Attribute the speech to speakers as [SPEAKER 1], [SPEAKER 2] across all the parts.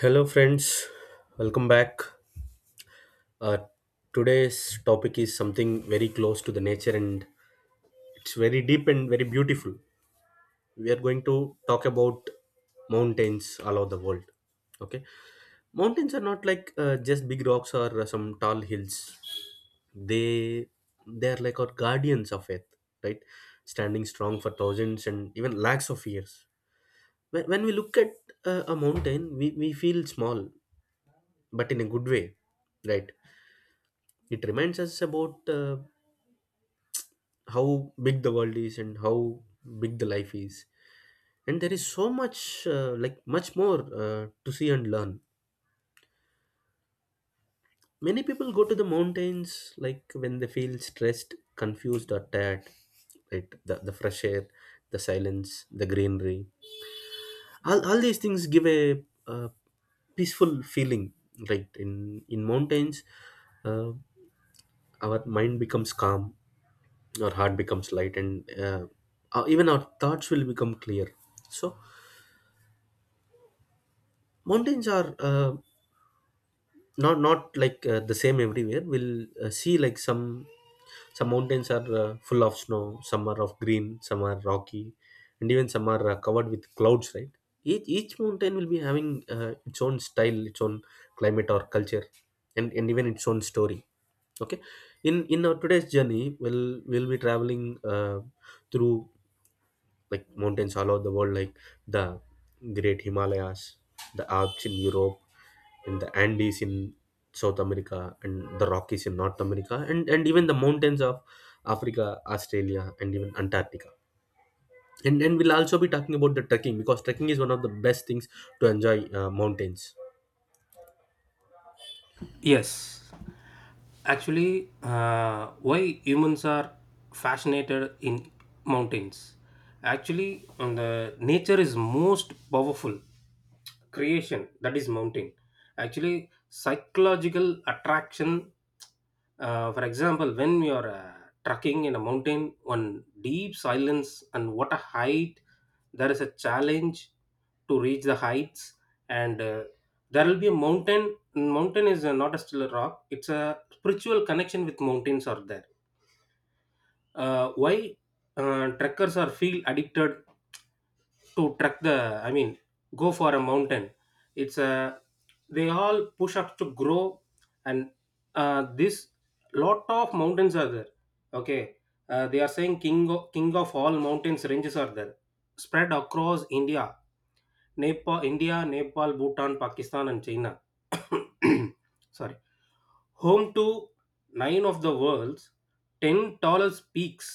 [SPEAKER 1] Hello, friends. Welcome back. Uh, Today's topic is something very close to the nature, and it's very deep and very beautiful. We are going to talk about mountains all over the world. Okay. Mountains are not like just big rocks or some tall hills. they, they are like our guardians of earth, right? Standing strong for thousands and even lakhs of years. When we look at a mountain, we feel small, but in a good way, right? It reminds us about how big the world is and how big the life is. And there is so much, like much more to see and learn. Many people go to the mountains like when they feel stressed, confused, or tired. Right? The fresh air, the silence, the greenery. All these things give a peaceful feeling, right? In mountains, uh, our mind becomes calm, our heart becomes light, and even our thoughts will become clear. So mountains are not like the same everywhere. We'll see like some mountains are full of snow, some are of green, some are rocky, and even some are covered with clouds, right? Each mountain will be having its own style, its own climate or culture, and even its own story. Okay. In our today's journey, we'll be traveling through like mountains all over the world, like the Great Himalayas, the Alps in Europe, and the Andes in South America, and the Rockies in North America, and even the mountains of Africa, Australia, and even Antarctica. And we'll also be talking about the trekking, because trekking is one of the best things to enjoy mountains.
[SPEAKER 2] Yes, Actually, why humans are fascinated in mountains? Actually, on the nature is most powerful creation that is mountain. Actually, psychological attraction. For example, when you are trekking in a mountain, on deep silence and what a height, there is a challenge to reach the heights and there will be a mountain. Mountain is not a still rock, it's a spiritual connection with mountains are there. Why trekkers are feel addicted to trek the, I mean, go for a mountain. It's a they all push up to grow and this lot of mountains are there. Okay. They are saying king of all mountains ranges are there, spread across India, Nepal, Bhutan, Pakistan, and China. Sorry. Home to nine of the world's 10 tallest peaks.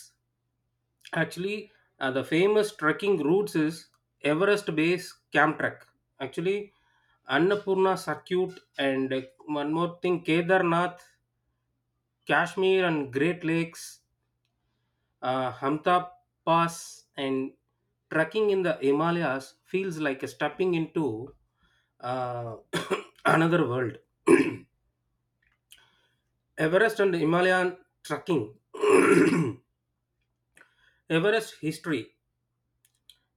[SPEAKER 2] Actually, the famous trekking routes is Everest Base Camp Trek. Actually, Annapurna Circuit, and one more thing, Kedarnath, Kashmir, and Great Lakes, Hamta Pass, and trekking in the Himalayas feels like stepping into uh, another world. Everest and Himalayan trekking. Everest history.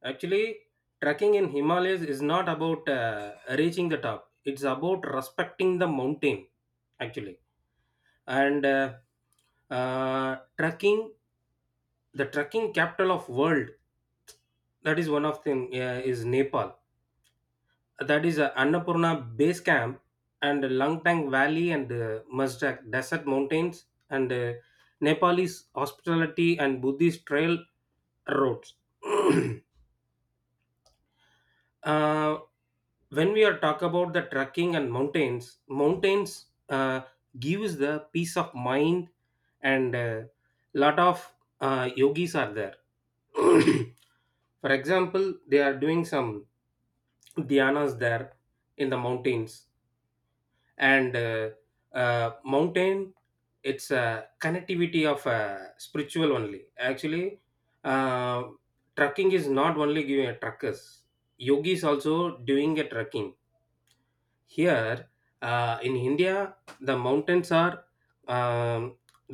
[SPEAKER 2] Actually, trekking in Himalayas is not about reaching the top. It's about respecting the mountain, actually. And uh, trekking, the trekking capital of world, that is one of them, is Nepal. That is Annapurna Base Camp and Langtang Valley, and Mazdak Desert Mountains, and Nepalese hospitality and Buddhist trail roads. uh, when we are talk about the trekking and mountains gives the peace of mind, and lot of yogis are there. For example, they are doing some dhyanas there in the mountains, and mountain it's a connectivity of spiritual only, actually. uh, Trucking is not only giving a truckers, yogis also doing a trucking here in india. The mountains are, um,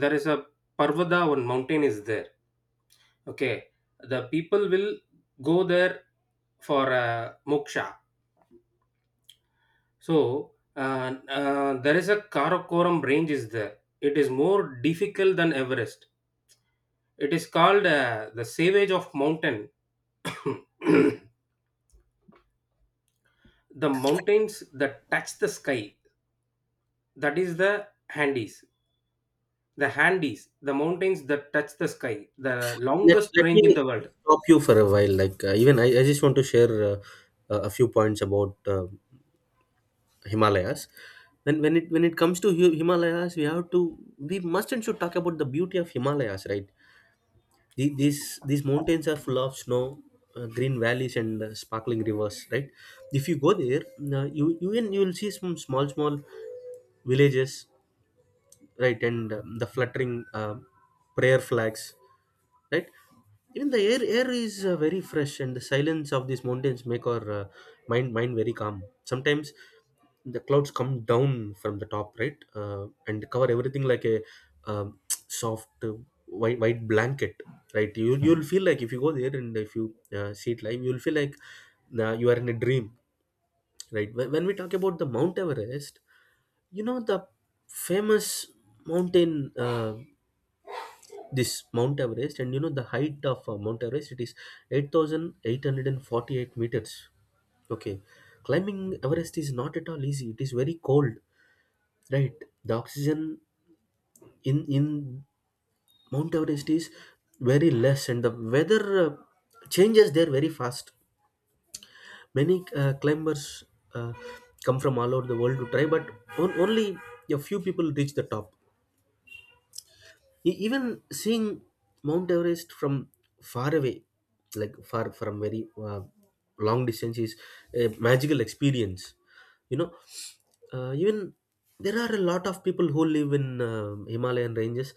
[SPEAKER 2] there is a parvada, one mountain is there. Okay, the people will go there for moksha. So there is a Karakoram range is there. It is more difficult than Everest. It is called the savage of mountain. The mountains that touch the sky. That is the Andes. The Andes, the mountains that touch the sky, the
[SPEAKER 1] Let,
[SPEAKER 2] longest
[SPEAKER 1] let
[SPEAKER 2] range in
[SPEAKER 1] me
[SPEAKER 2] the world.
[SPEAKER 1] stop you for a while. Like even I just want to share a few points about Himalayas. When it comes to Himalayas, we have to, we must and should talk about the beauty of Himalayas, right? These mountains are full of snow, green valleys, and sparkling rivers, right? If you go there, you will see some small villages, right? And the fluttering prayer flags, right? Even the air is very fresh, and the silence of these mountains make our mind very calm. Sometimes the clouds come down from the top, right? And cover everything like a um, soft white blanket, right? You'll feel like if you go there and if you see it live, you'll feel like you are in a dream, right? When we talk about the Mount Everest, you know, the famous mountain, this Mount Everest, and you know the height of Mount Everest. It is 8,848 meters. Okay, climbing Everest is not at all easy. It is very cold, right? The oxygen in Mount Everest is very less, and the weather changes there very fast. Many climbers uh, come from all over the world to try, but only a few people reach the top. Even seeing Mount Everest from far away, like far from very long distance, is a magical experience. You know, even there are a lot of people who live in Himalayan ranges.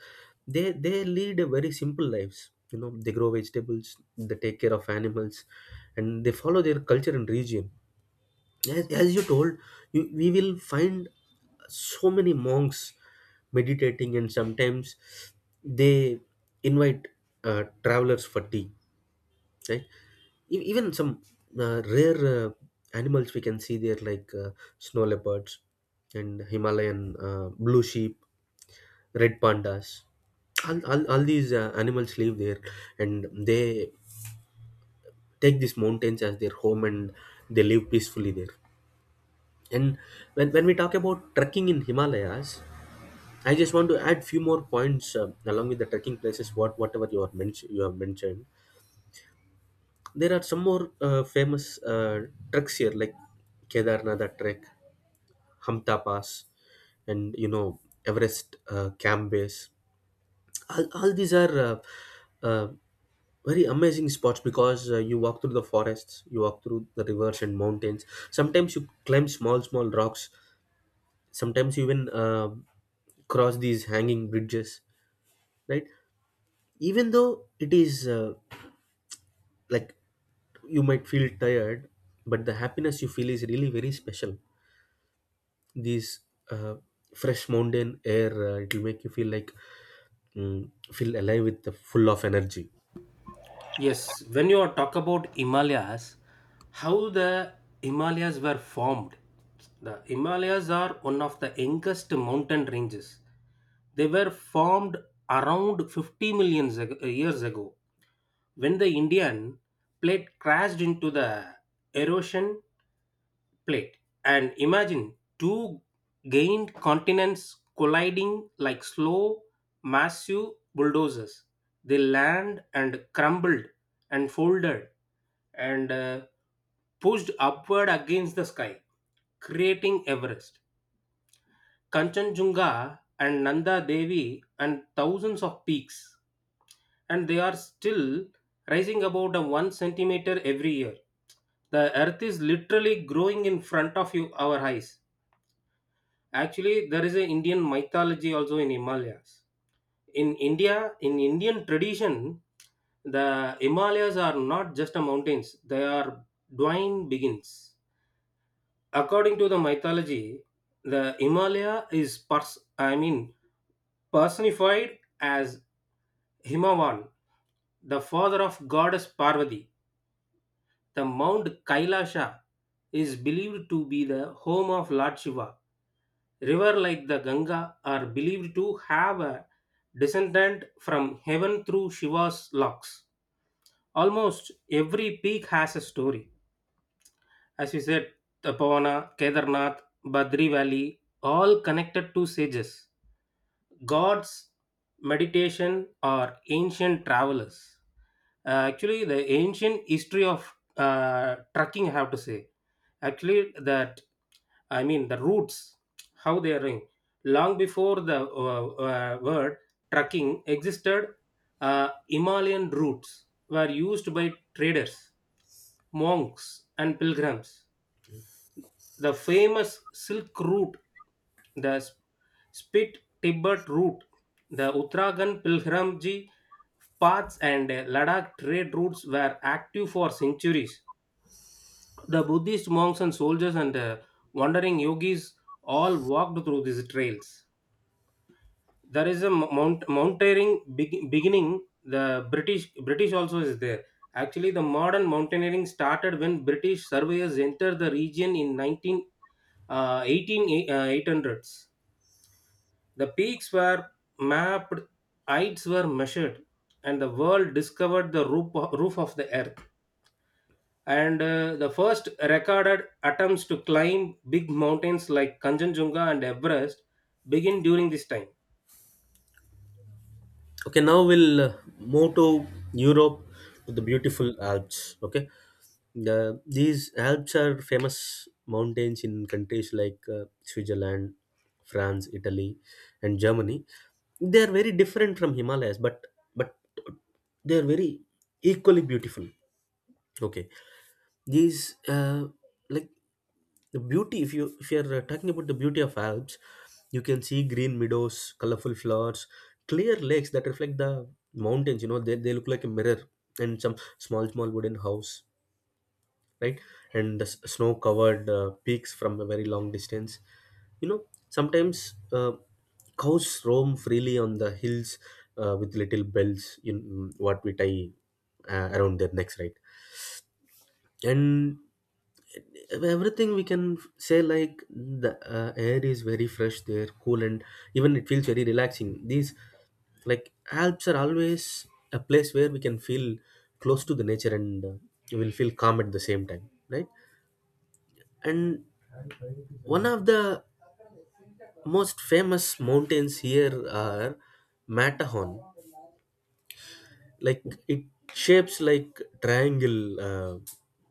[SPEAKER 1] They lead a very simple lives. You know, they grow vegetables, they take care of animals, and they follow their culture and region. As you told you, we will find so many monks meditating, and sometimes they invite travelers for tea, right? Even some rare animals we can see there, like snow leopards and Himalayan blue sheep, red pandas. All these animals live there, and they take these mountains as their home, and they live peacefully there. And when we talk about trekking in Himalayas, I just want to add few more points along with the trekking places. What whatever you are mention, You have mentioned, there are some more famous treks here like Kedarnath trek, Hamta Pass, and you know, Everest camp base. All these are uh, very amazing spots, because you walk through the forests, you walk through the rivers and mountains. Sometimes you climb small rocks, sometimes you even cross these hanging bridges, right? Even though it is like you might feel tired, but the happiness you feel is really very special. These uh, fresh mountain air, it will make you feel like, feel alive with the full of energy.
[SPEAKER 2] Yes, when you talk about Himalayas, how the Himalayas were formed. The Himalayas are one of the youngest mountain ranges. They were formed around 50 million years ago, when the Indian plate crashed into the Eurasian plate. And imagine two gained continents colliding like slow, massive bulldozers. They land and crumbled and folded and pushed upward against the sky, creating Everest, Kanchenjunga, and Nanda Devi, and thousands of peaks. And they are still rising about a 1 centimeter every year. The earth is literally growing in front of you, our eyes. Actually, there is an Indian mythology also in Himalayas. In India, in Indian tradition, the Himalayas are not just a mountains; they are divine beings. According to the mythology, the Himalaya is I mean personified as Himavan, the father of goddess Parvati. The Mount Kailasha is believed to be the home of Lord Shiva. Rivers like the Ganga are believed to have a descendant from heaven through Shiva's locks. Almost every peak has a story, as you said. Tapavana, Kedarnath, Badri Valley, all connected to sages, gods, meditation, or ancient travelers. Actually, the ancient history of trekking, I have to say, actually, that, I mean, the roots, how they are going. Long before the word trucking existed, Himalayan routes were used by traders, monks, and pilgrims. The famous Silk Route, the Spit Tibet Route, the Uttarakhand Pilgrimage paths, and Ladakh trade routes were active for centuries. The Buddhist monks and soldiers and wandering yogis all walked through these trails. There is a mountaineering beginning. The British also is there. Actually, the modern mountaineering started when British surveyors entered the region in 19 uh, eighteen eight hundreds. The peaks were mapped, heights were measured, and the world discovered the roof of the earth. And the first recorded attempts to climb big mountains like Kanchenjunga and Everest begin during this time.
[SPEAKER 1] Okay, now we'll move to Europe, to the beautiful Alps. Okay, these Alps are famous mountains in countries like Switzerland, France, Italy, and Germany. They are very different from Himalayas, but but they are very equally beautiful. Okay, these like the beauty, if you if you're talking about the beauty of Alps, you can see green meadows, colorful flowers, clear lakes that reflect the mountains. You know, they look like a mirror, and some small wooden house, right? And the snow covered peaks from a very long distance. You know, sometimes cows roam freely on the hills with little bells in, what we tie around their necks, right? And everything we can say, like the air is very fresh there, cool, and even it feels very relaxing. These like Alps are always a place where we can feel close to the nature, and you will feel calm at the same time, right? And one of the most famous mountains here are Matterhorn. Like it shapes like triangle, uh,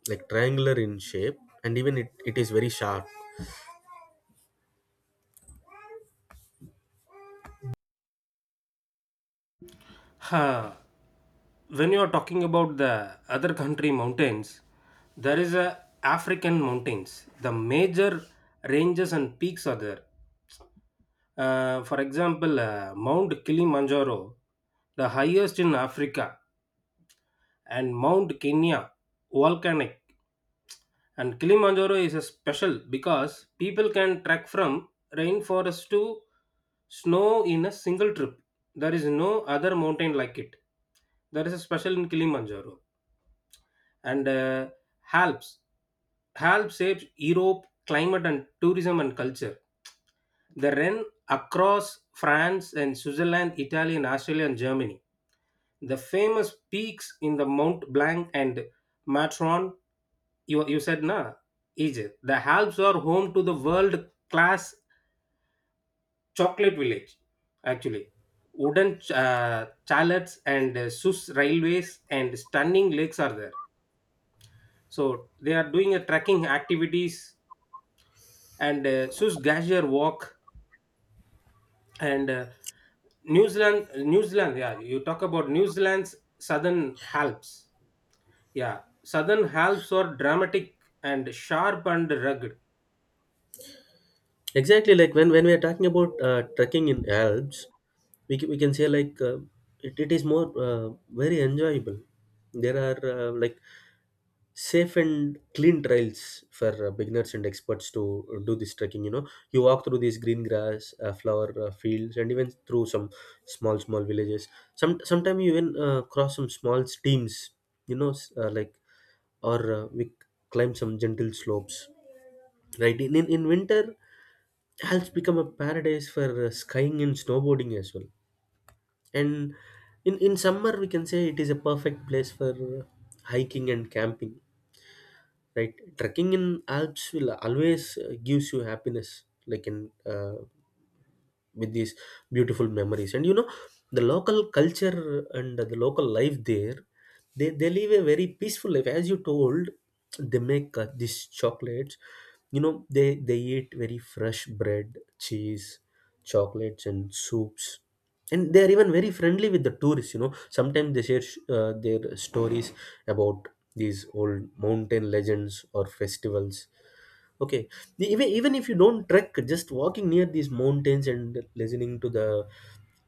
[SPEAKER 1] like triangular in shape, and even it is very sharp.
[SPEAKER 2] Ha! When you are talking about the other country mountains, there is a African mountains. The major ranges and peaks are there. For example, Mount Kilimanjaro, the highest in Africa, and Mount Kenya, volcanic. And Kilimanjaro is a special, because people can trek from rainforest to snow in a single trip. There is no other mountain like it. There is a special in Kilimanjaro. And Alps. Alps shapes Europe, climate, and tourism, and culture. They ran across France and Switzerland, Italy, and Australia, and Germany. The famous peaks in the Mont Blanc and Matterhorn, you said, na, Egypt. The Alps are home to the world class chocolate village, actually. Wooden chalets, and Swiss railways, and stunning lakes are there. So they are doing a trekking activities, and Swiss glacier walk, and New Zealand, yeah, you talk about New Zealand's Southern Alps. Yeah, Southern Alps are dramatic and sharp and rugged.
[SPEAKER 1] Exactly, like when we are talking about trekking in Alps, we can say like it is more very enjoyable. There are like safe and clean trails for beginners and experts to do this trekking. You know, you walk through these green grass, flower fields, and even through some small villages. Sometimes you even cross some small streams. You know, like or we climb some gentle slopes. Right. In winter, Alps become a paradise for skiing and snowboarding as well. And in summer, we can say it is a perfect place for hiking and camping, right? Trekking in Alps will always gives you happiness, like in with these beautiful memories. And you know, the local culture and the local life there, they live a very peaceful life. As you told, they make these chocolates. You know, they eat very fresh bread, cheese, chocolates, and soups. And they are even very friendly with the tourists. You know, sometimes they share their stories about these old mountain legends or festivals. Okay, even if you don't trek, just walking near these mountains and listening to the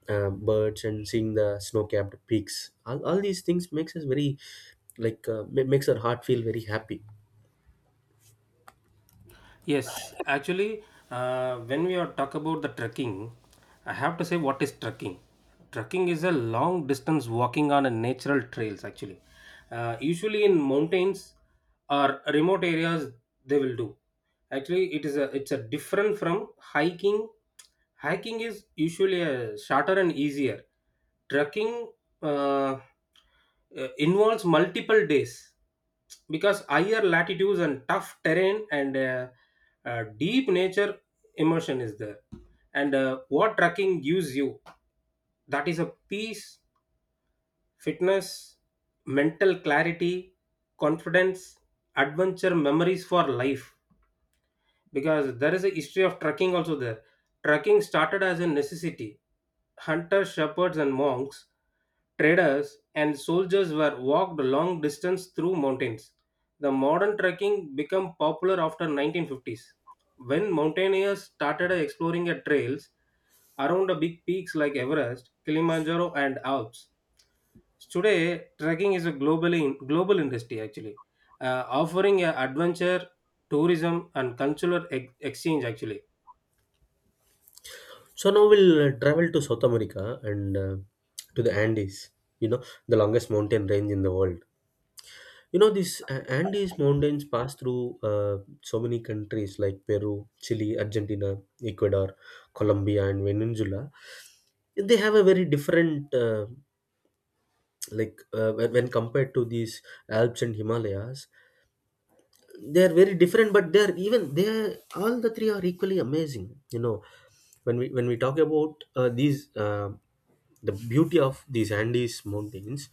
[SPEAKER 1] birds, and seeing the snow-capped peaks, all these things makes us very like, makes our heart feel very happy.
[SPEAKER 2] Yes, actually, when we are talk about the trekking, I have to say what is trekking. Trekking is a long distance walking on a natural trails. Actually, usually in mountains or remote areas, they will do. Actually, it's a different from hiking. Hiking is usually a shorter and easier. Trekking uh, involves multiple days, because higher latitudes and tough terrain, and deep nature immersion is there. And what trekking gives you, that is a peace, fitness, mental clarity, confidence, adventure, memories for life, because there is a history of trekking also there. Trekking started as a necessity. Hunters, shepherds, and monks, traders, and soldiers were walked long distance through mountains. The modern trekking became popular after 1950s, when mountaineers started exploring at trails around the big peaks like Everest, Kilimanjaro, and Alps. So, today, trekking is a globally global industry, actually, offering a adventure, tourism, and cultural exchange, actually.
[SPEAKER 1] So now we'll travel to South America, and to the Andes. You know, the longest mountain range in the world. You know, these Andes mountains pass through so many countries like Peru, Chile, Argentina, Ecuador, Colombia, and Venezuela. They have a very different like when compared to these Alps and Himalayas, they are very different, but they are even they are, all the three are equally amazing. You know, when we talk about these the beauty of these Andes mountains,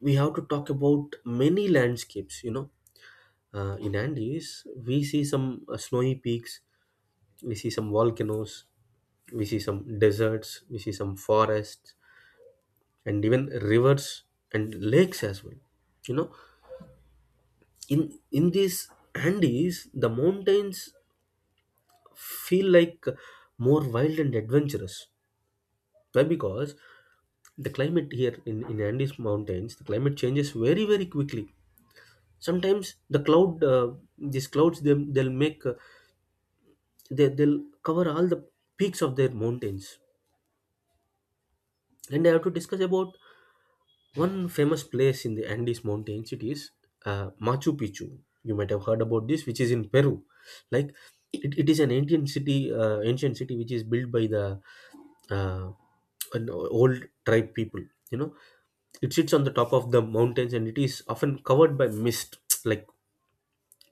[SPEAKER 1] we have to talk about many landscapes. You know, in Andes, we see some snowy peaks, we see some volcanoes, we see some deserts, we see some forests, and even rivers and lakes as well. You know, in in these Andes, the mountains feel like more wild and adventurous. Why? Because the climate here, in Andes mountains, the climate changes very quickly. Sometimes the cloud, these clouds, they'll make, they'll cover all the peaks of their mountains. And I have to discuss about one famous place in the Andes Mountains. It is Machu Picchu. You might have heard about this, which is in Peru. Like it is an ancient city, which is built by the uh, an old tribe people. You know, it sits on the top of the mountains, and it is often covered by mist. Like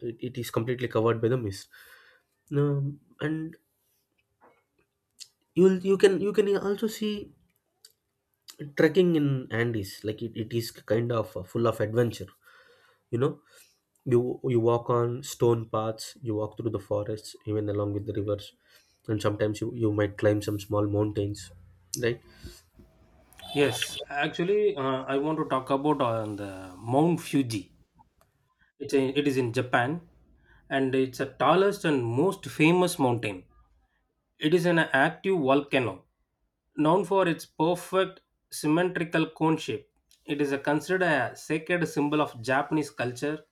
[SPEAKER 1] it is completely covered by the mist. And you can also see trekking in Andes. Like it is kind of full of adventure. You know, you walk on stone paths, you walk through the forests even along with the rivers, and sometimes you might climb some small mountains, right.
[SPEAKER 2] Yes, actually, I want to talk about on the Mount Fuji. It is in Japan, and it's the tallest and most famous mountain. It is an active volcano, known for its perfect symmetrical cone shape. It is a considered a sacred symbol of Japanese culture,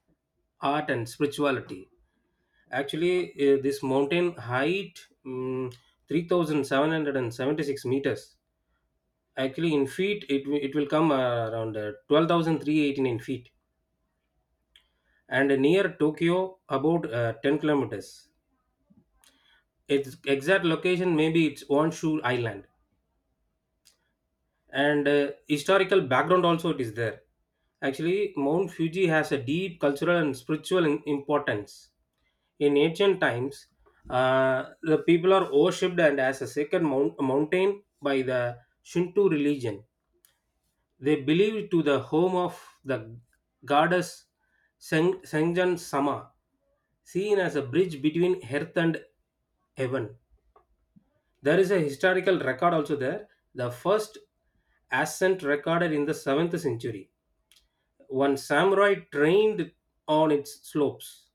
[SPEAKER 2] art, and spirituality. Actually, this mountain height mm 3,776 meters. Actually, in feet, it will come around 12,389 feet. And near Tokyo, about 10 kilometers. Its exact location, maybe it's Honshu Island. And historical background also it is there. Actually, Mount Fuji has a deep cultural and spiritual importance. In ancient times, the people are worshipped and as a sacred mountain by the Shinto religion. They believe to the home of the goddess Senjan Sama, seen as a bridge between earth and heaven. There is a historical record also there. The first ascent recorded in the 7th century. One samurai trained on its slopes.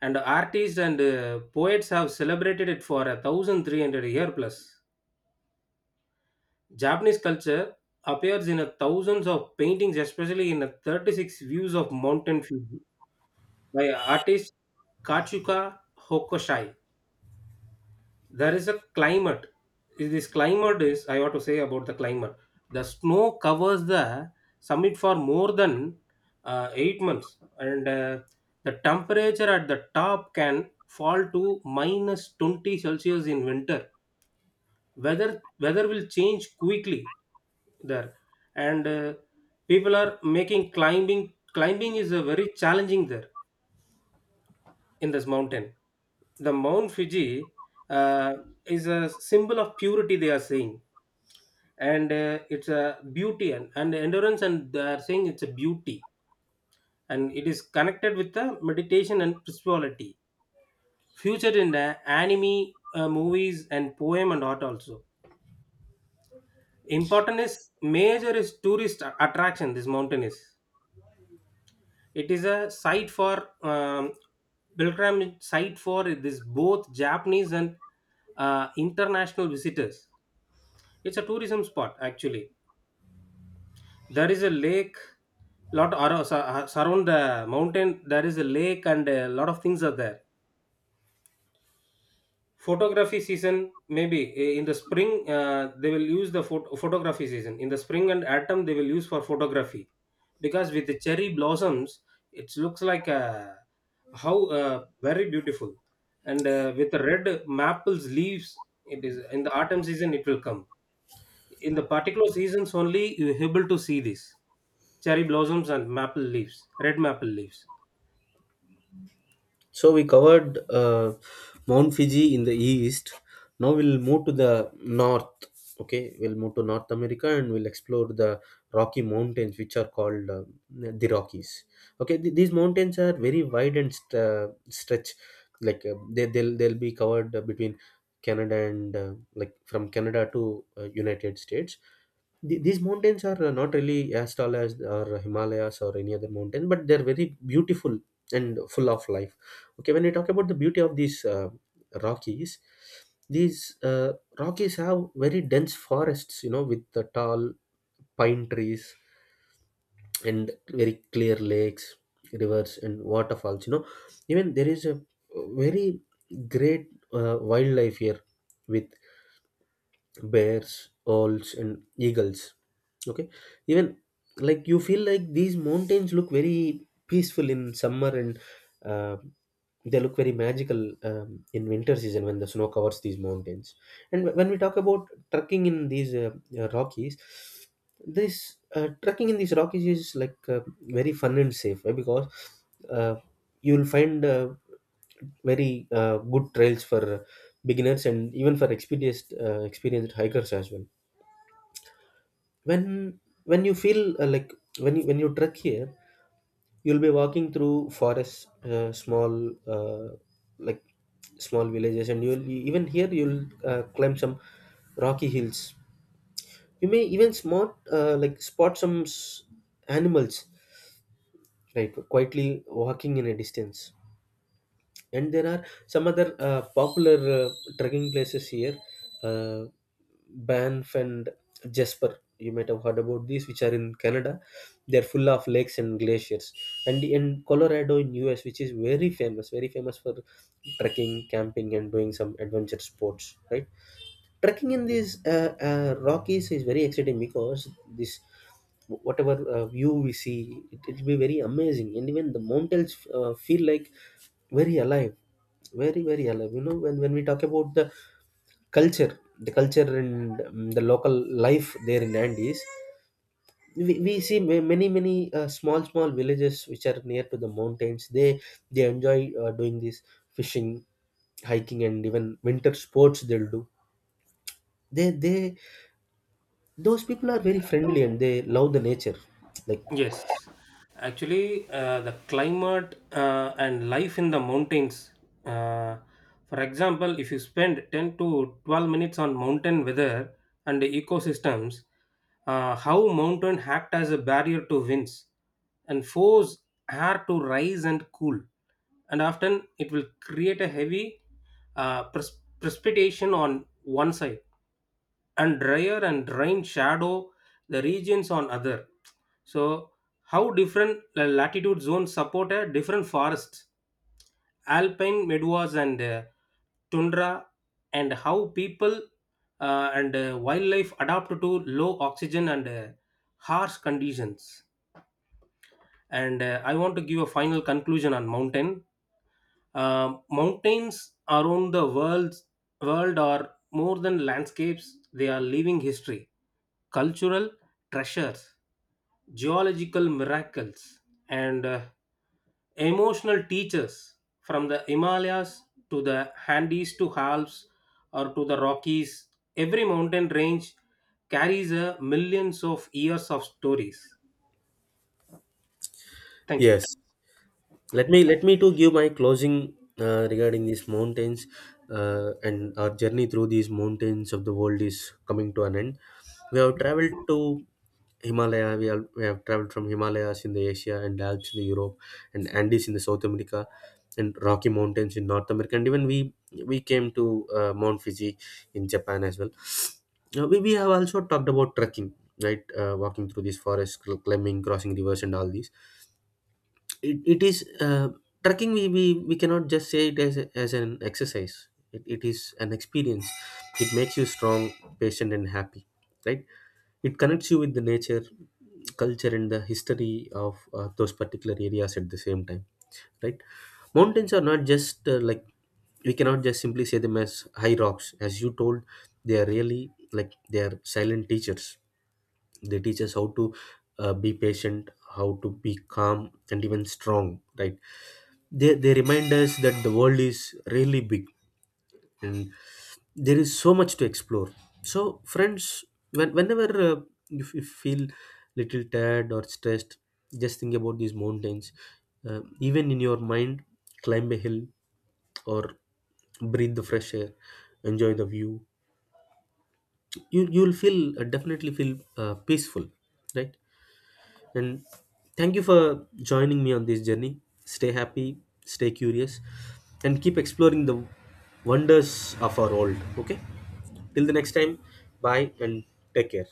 [SPEAKER 2] And artists and poets have celebrated it for 1,300 year plus. Japanese culture appears in a thousands of paintings, especially in a 36 views of Mountain Fuji by artist Kachuka Hokusai. There is a climate. Is this climate is, I want to say about the climate, the snow covers the summit for more than 8 months, and the temperature at the top can fall to minus 20 celsius in winter. Weather weather will change quickly there. And people are making climbing is a very challenging there in this mountain. The Mount Fuji uh, is a symbol of purity, they are saying, and it's a beauty, and endurance, and they are saying it's a beauty, and it is connected with the meditation and spirituality, featured in the anime, movies, and poem, and art also. Important is major is tourist attraction, this mountain is. It is a site for um, pilgrim site for this both japanese and international visitors. It's a tourism spot, actually. There is a lake lot around, surround the mountain, there is a lake and a lot of things are there. Photography season maybe eh, in the spring, they will use the photography season in the spring and autumn, they will use for photography, because with the cherry blossoms it looks like how very beautiful, and with the red maples leaves, it is in the autumn season it will come. In the particular seasons only you able to see this cherry blossoms and maple leaves, red maple leaves.
[SPEAKER 1] So we covered Mount Fiji in the east. Now we'll move to the north. Okay, we'll move to North America and we'll explore the Rocky Mountains, which are called the Rockies. Okay, these mountains are very wide and stretch. Like they'll be covered between Canada and like from Canada to United States. These mountains are not really as tall as or himalayas or any other mountain, but they're very beautiful and full of life. Okay, when we talk about the beauty of these Rockies, these Rockies have very dense forests, you know, with the tall pine trees and very clear lakes, rivers and waterfalls, you know, even there is a very great wildlife here with bears, owls, and eagles. Okay, even like you feel like these mountains look very peaceful in summer and uh, they look very magical in winter season when the snow covers these mountains. And when we talk about trekking in these Rockies, this trekking in these Rockies is like very fun and safe, eh, because uh, you'll find very good trails for beginners and even for experienced hikers as well. When you feel like when you trek here, you'll be walking through forests, small like small villages, and you'll even here you'll climb some rocky hills. You may even spot like animals, right, quietly walking in a distance. And there are some other popular trekking places here, uh, Banff and Jasper, you might have heard about these, which are in Canada. They're full of lakes and glaciers. And in Colorado in US, which is very famous, very famous for trekking, camping, and doing some adventure sports, right. Trekking in these Rockies is very exciting because this whatever view we see, will be very amazing, and even the mountains feel like very alive, very very alive. You know, when we talk about the culture and the local life there in Andes, we see many many small small villages which are near to the mountains. They enjoy doing this fishing, hiking, and even winter sports they'll do. They those people are very friendly and they love the nature, like.
[SPEAKER 2] Yes, actually, the climate and life in the mountains. Uh, for example, if you spend 10 to 12 minutes on mountain weather and the ecosystems, how mountain act as a barrier to winds and force air to rise and cool. And often it will create a heavy precipitation on one side, and drier and rain shadow the regions on other. So how different latitude zones support a different forests, alpine meadows, and tundra, and how people and wildlife adapt to low oxygen and harsh conditions. And I want to give a final conclusion on mountain. Mountains around the world, world are more than landscapes. They are living history, cultural treasures, geological miracles, and emotional teachers, from the Himalayas to the Andes to Alps or to the Rockies. Every mountain range carries a millions of years of stories. Thank you.
[SPEAKER 1] Yes, let me to give my closing regarding these mountains and our journey through these mountains of the world is coming to an end. We have traveled to himalaya, we have traveled from Himalayas in the Asia, and Alps in the Europe, and Andes in the South America, and Rocky Mountains in North America, and even we came to Mount Fuji in Japan as well. Now, we have also talked about trekking, right, walking through these forests, climbing, crossing rivers and all these. It is trekking, we cannot just say it as, a, as an exercise, it is an experience. It makes you strong, patient, and happy, right. It connects you with the nature, culture, and the history of those particular areas at the same time, right. Mountains are not just like, we cannot just simply say them as high rocks, as you told. They are really like, they are silent teachers. They teach us how to be patient, how to be calm and even strong, right. They remind us that the world is really big, and there is so much to explore. So, friends, whenever if you feel little tired or stressed, just think about these mountains. Even in your mind, climb a hill or breathe the fresh air, enjoy the view. You'll feel definitely feel peaceful, right. And thank you for joining me on this journey. Stay happy, stay curious, and keep exploring the wonders of our world. Okay? Till the next time, bye, and take care.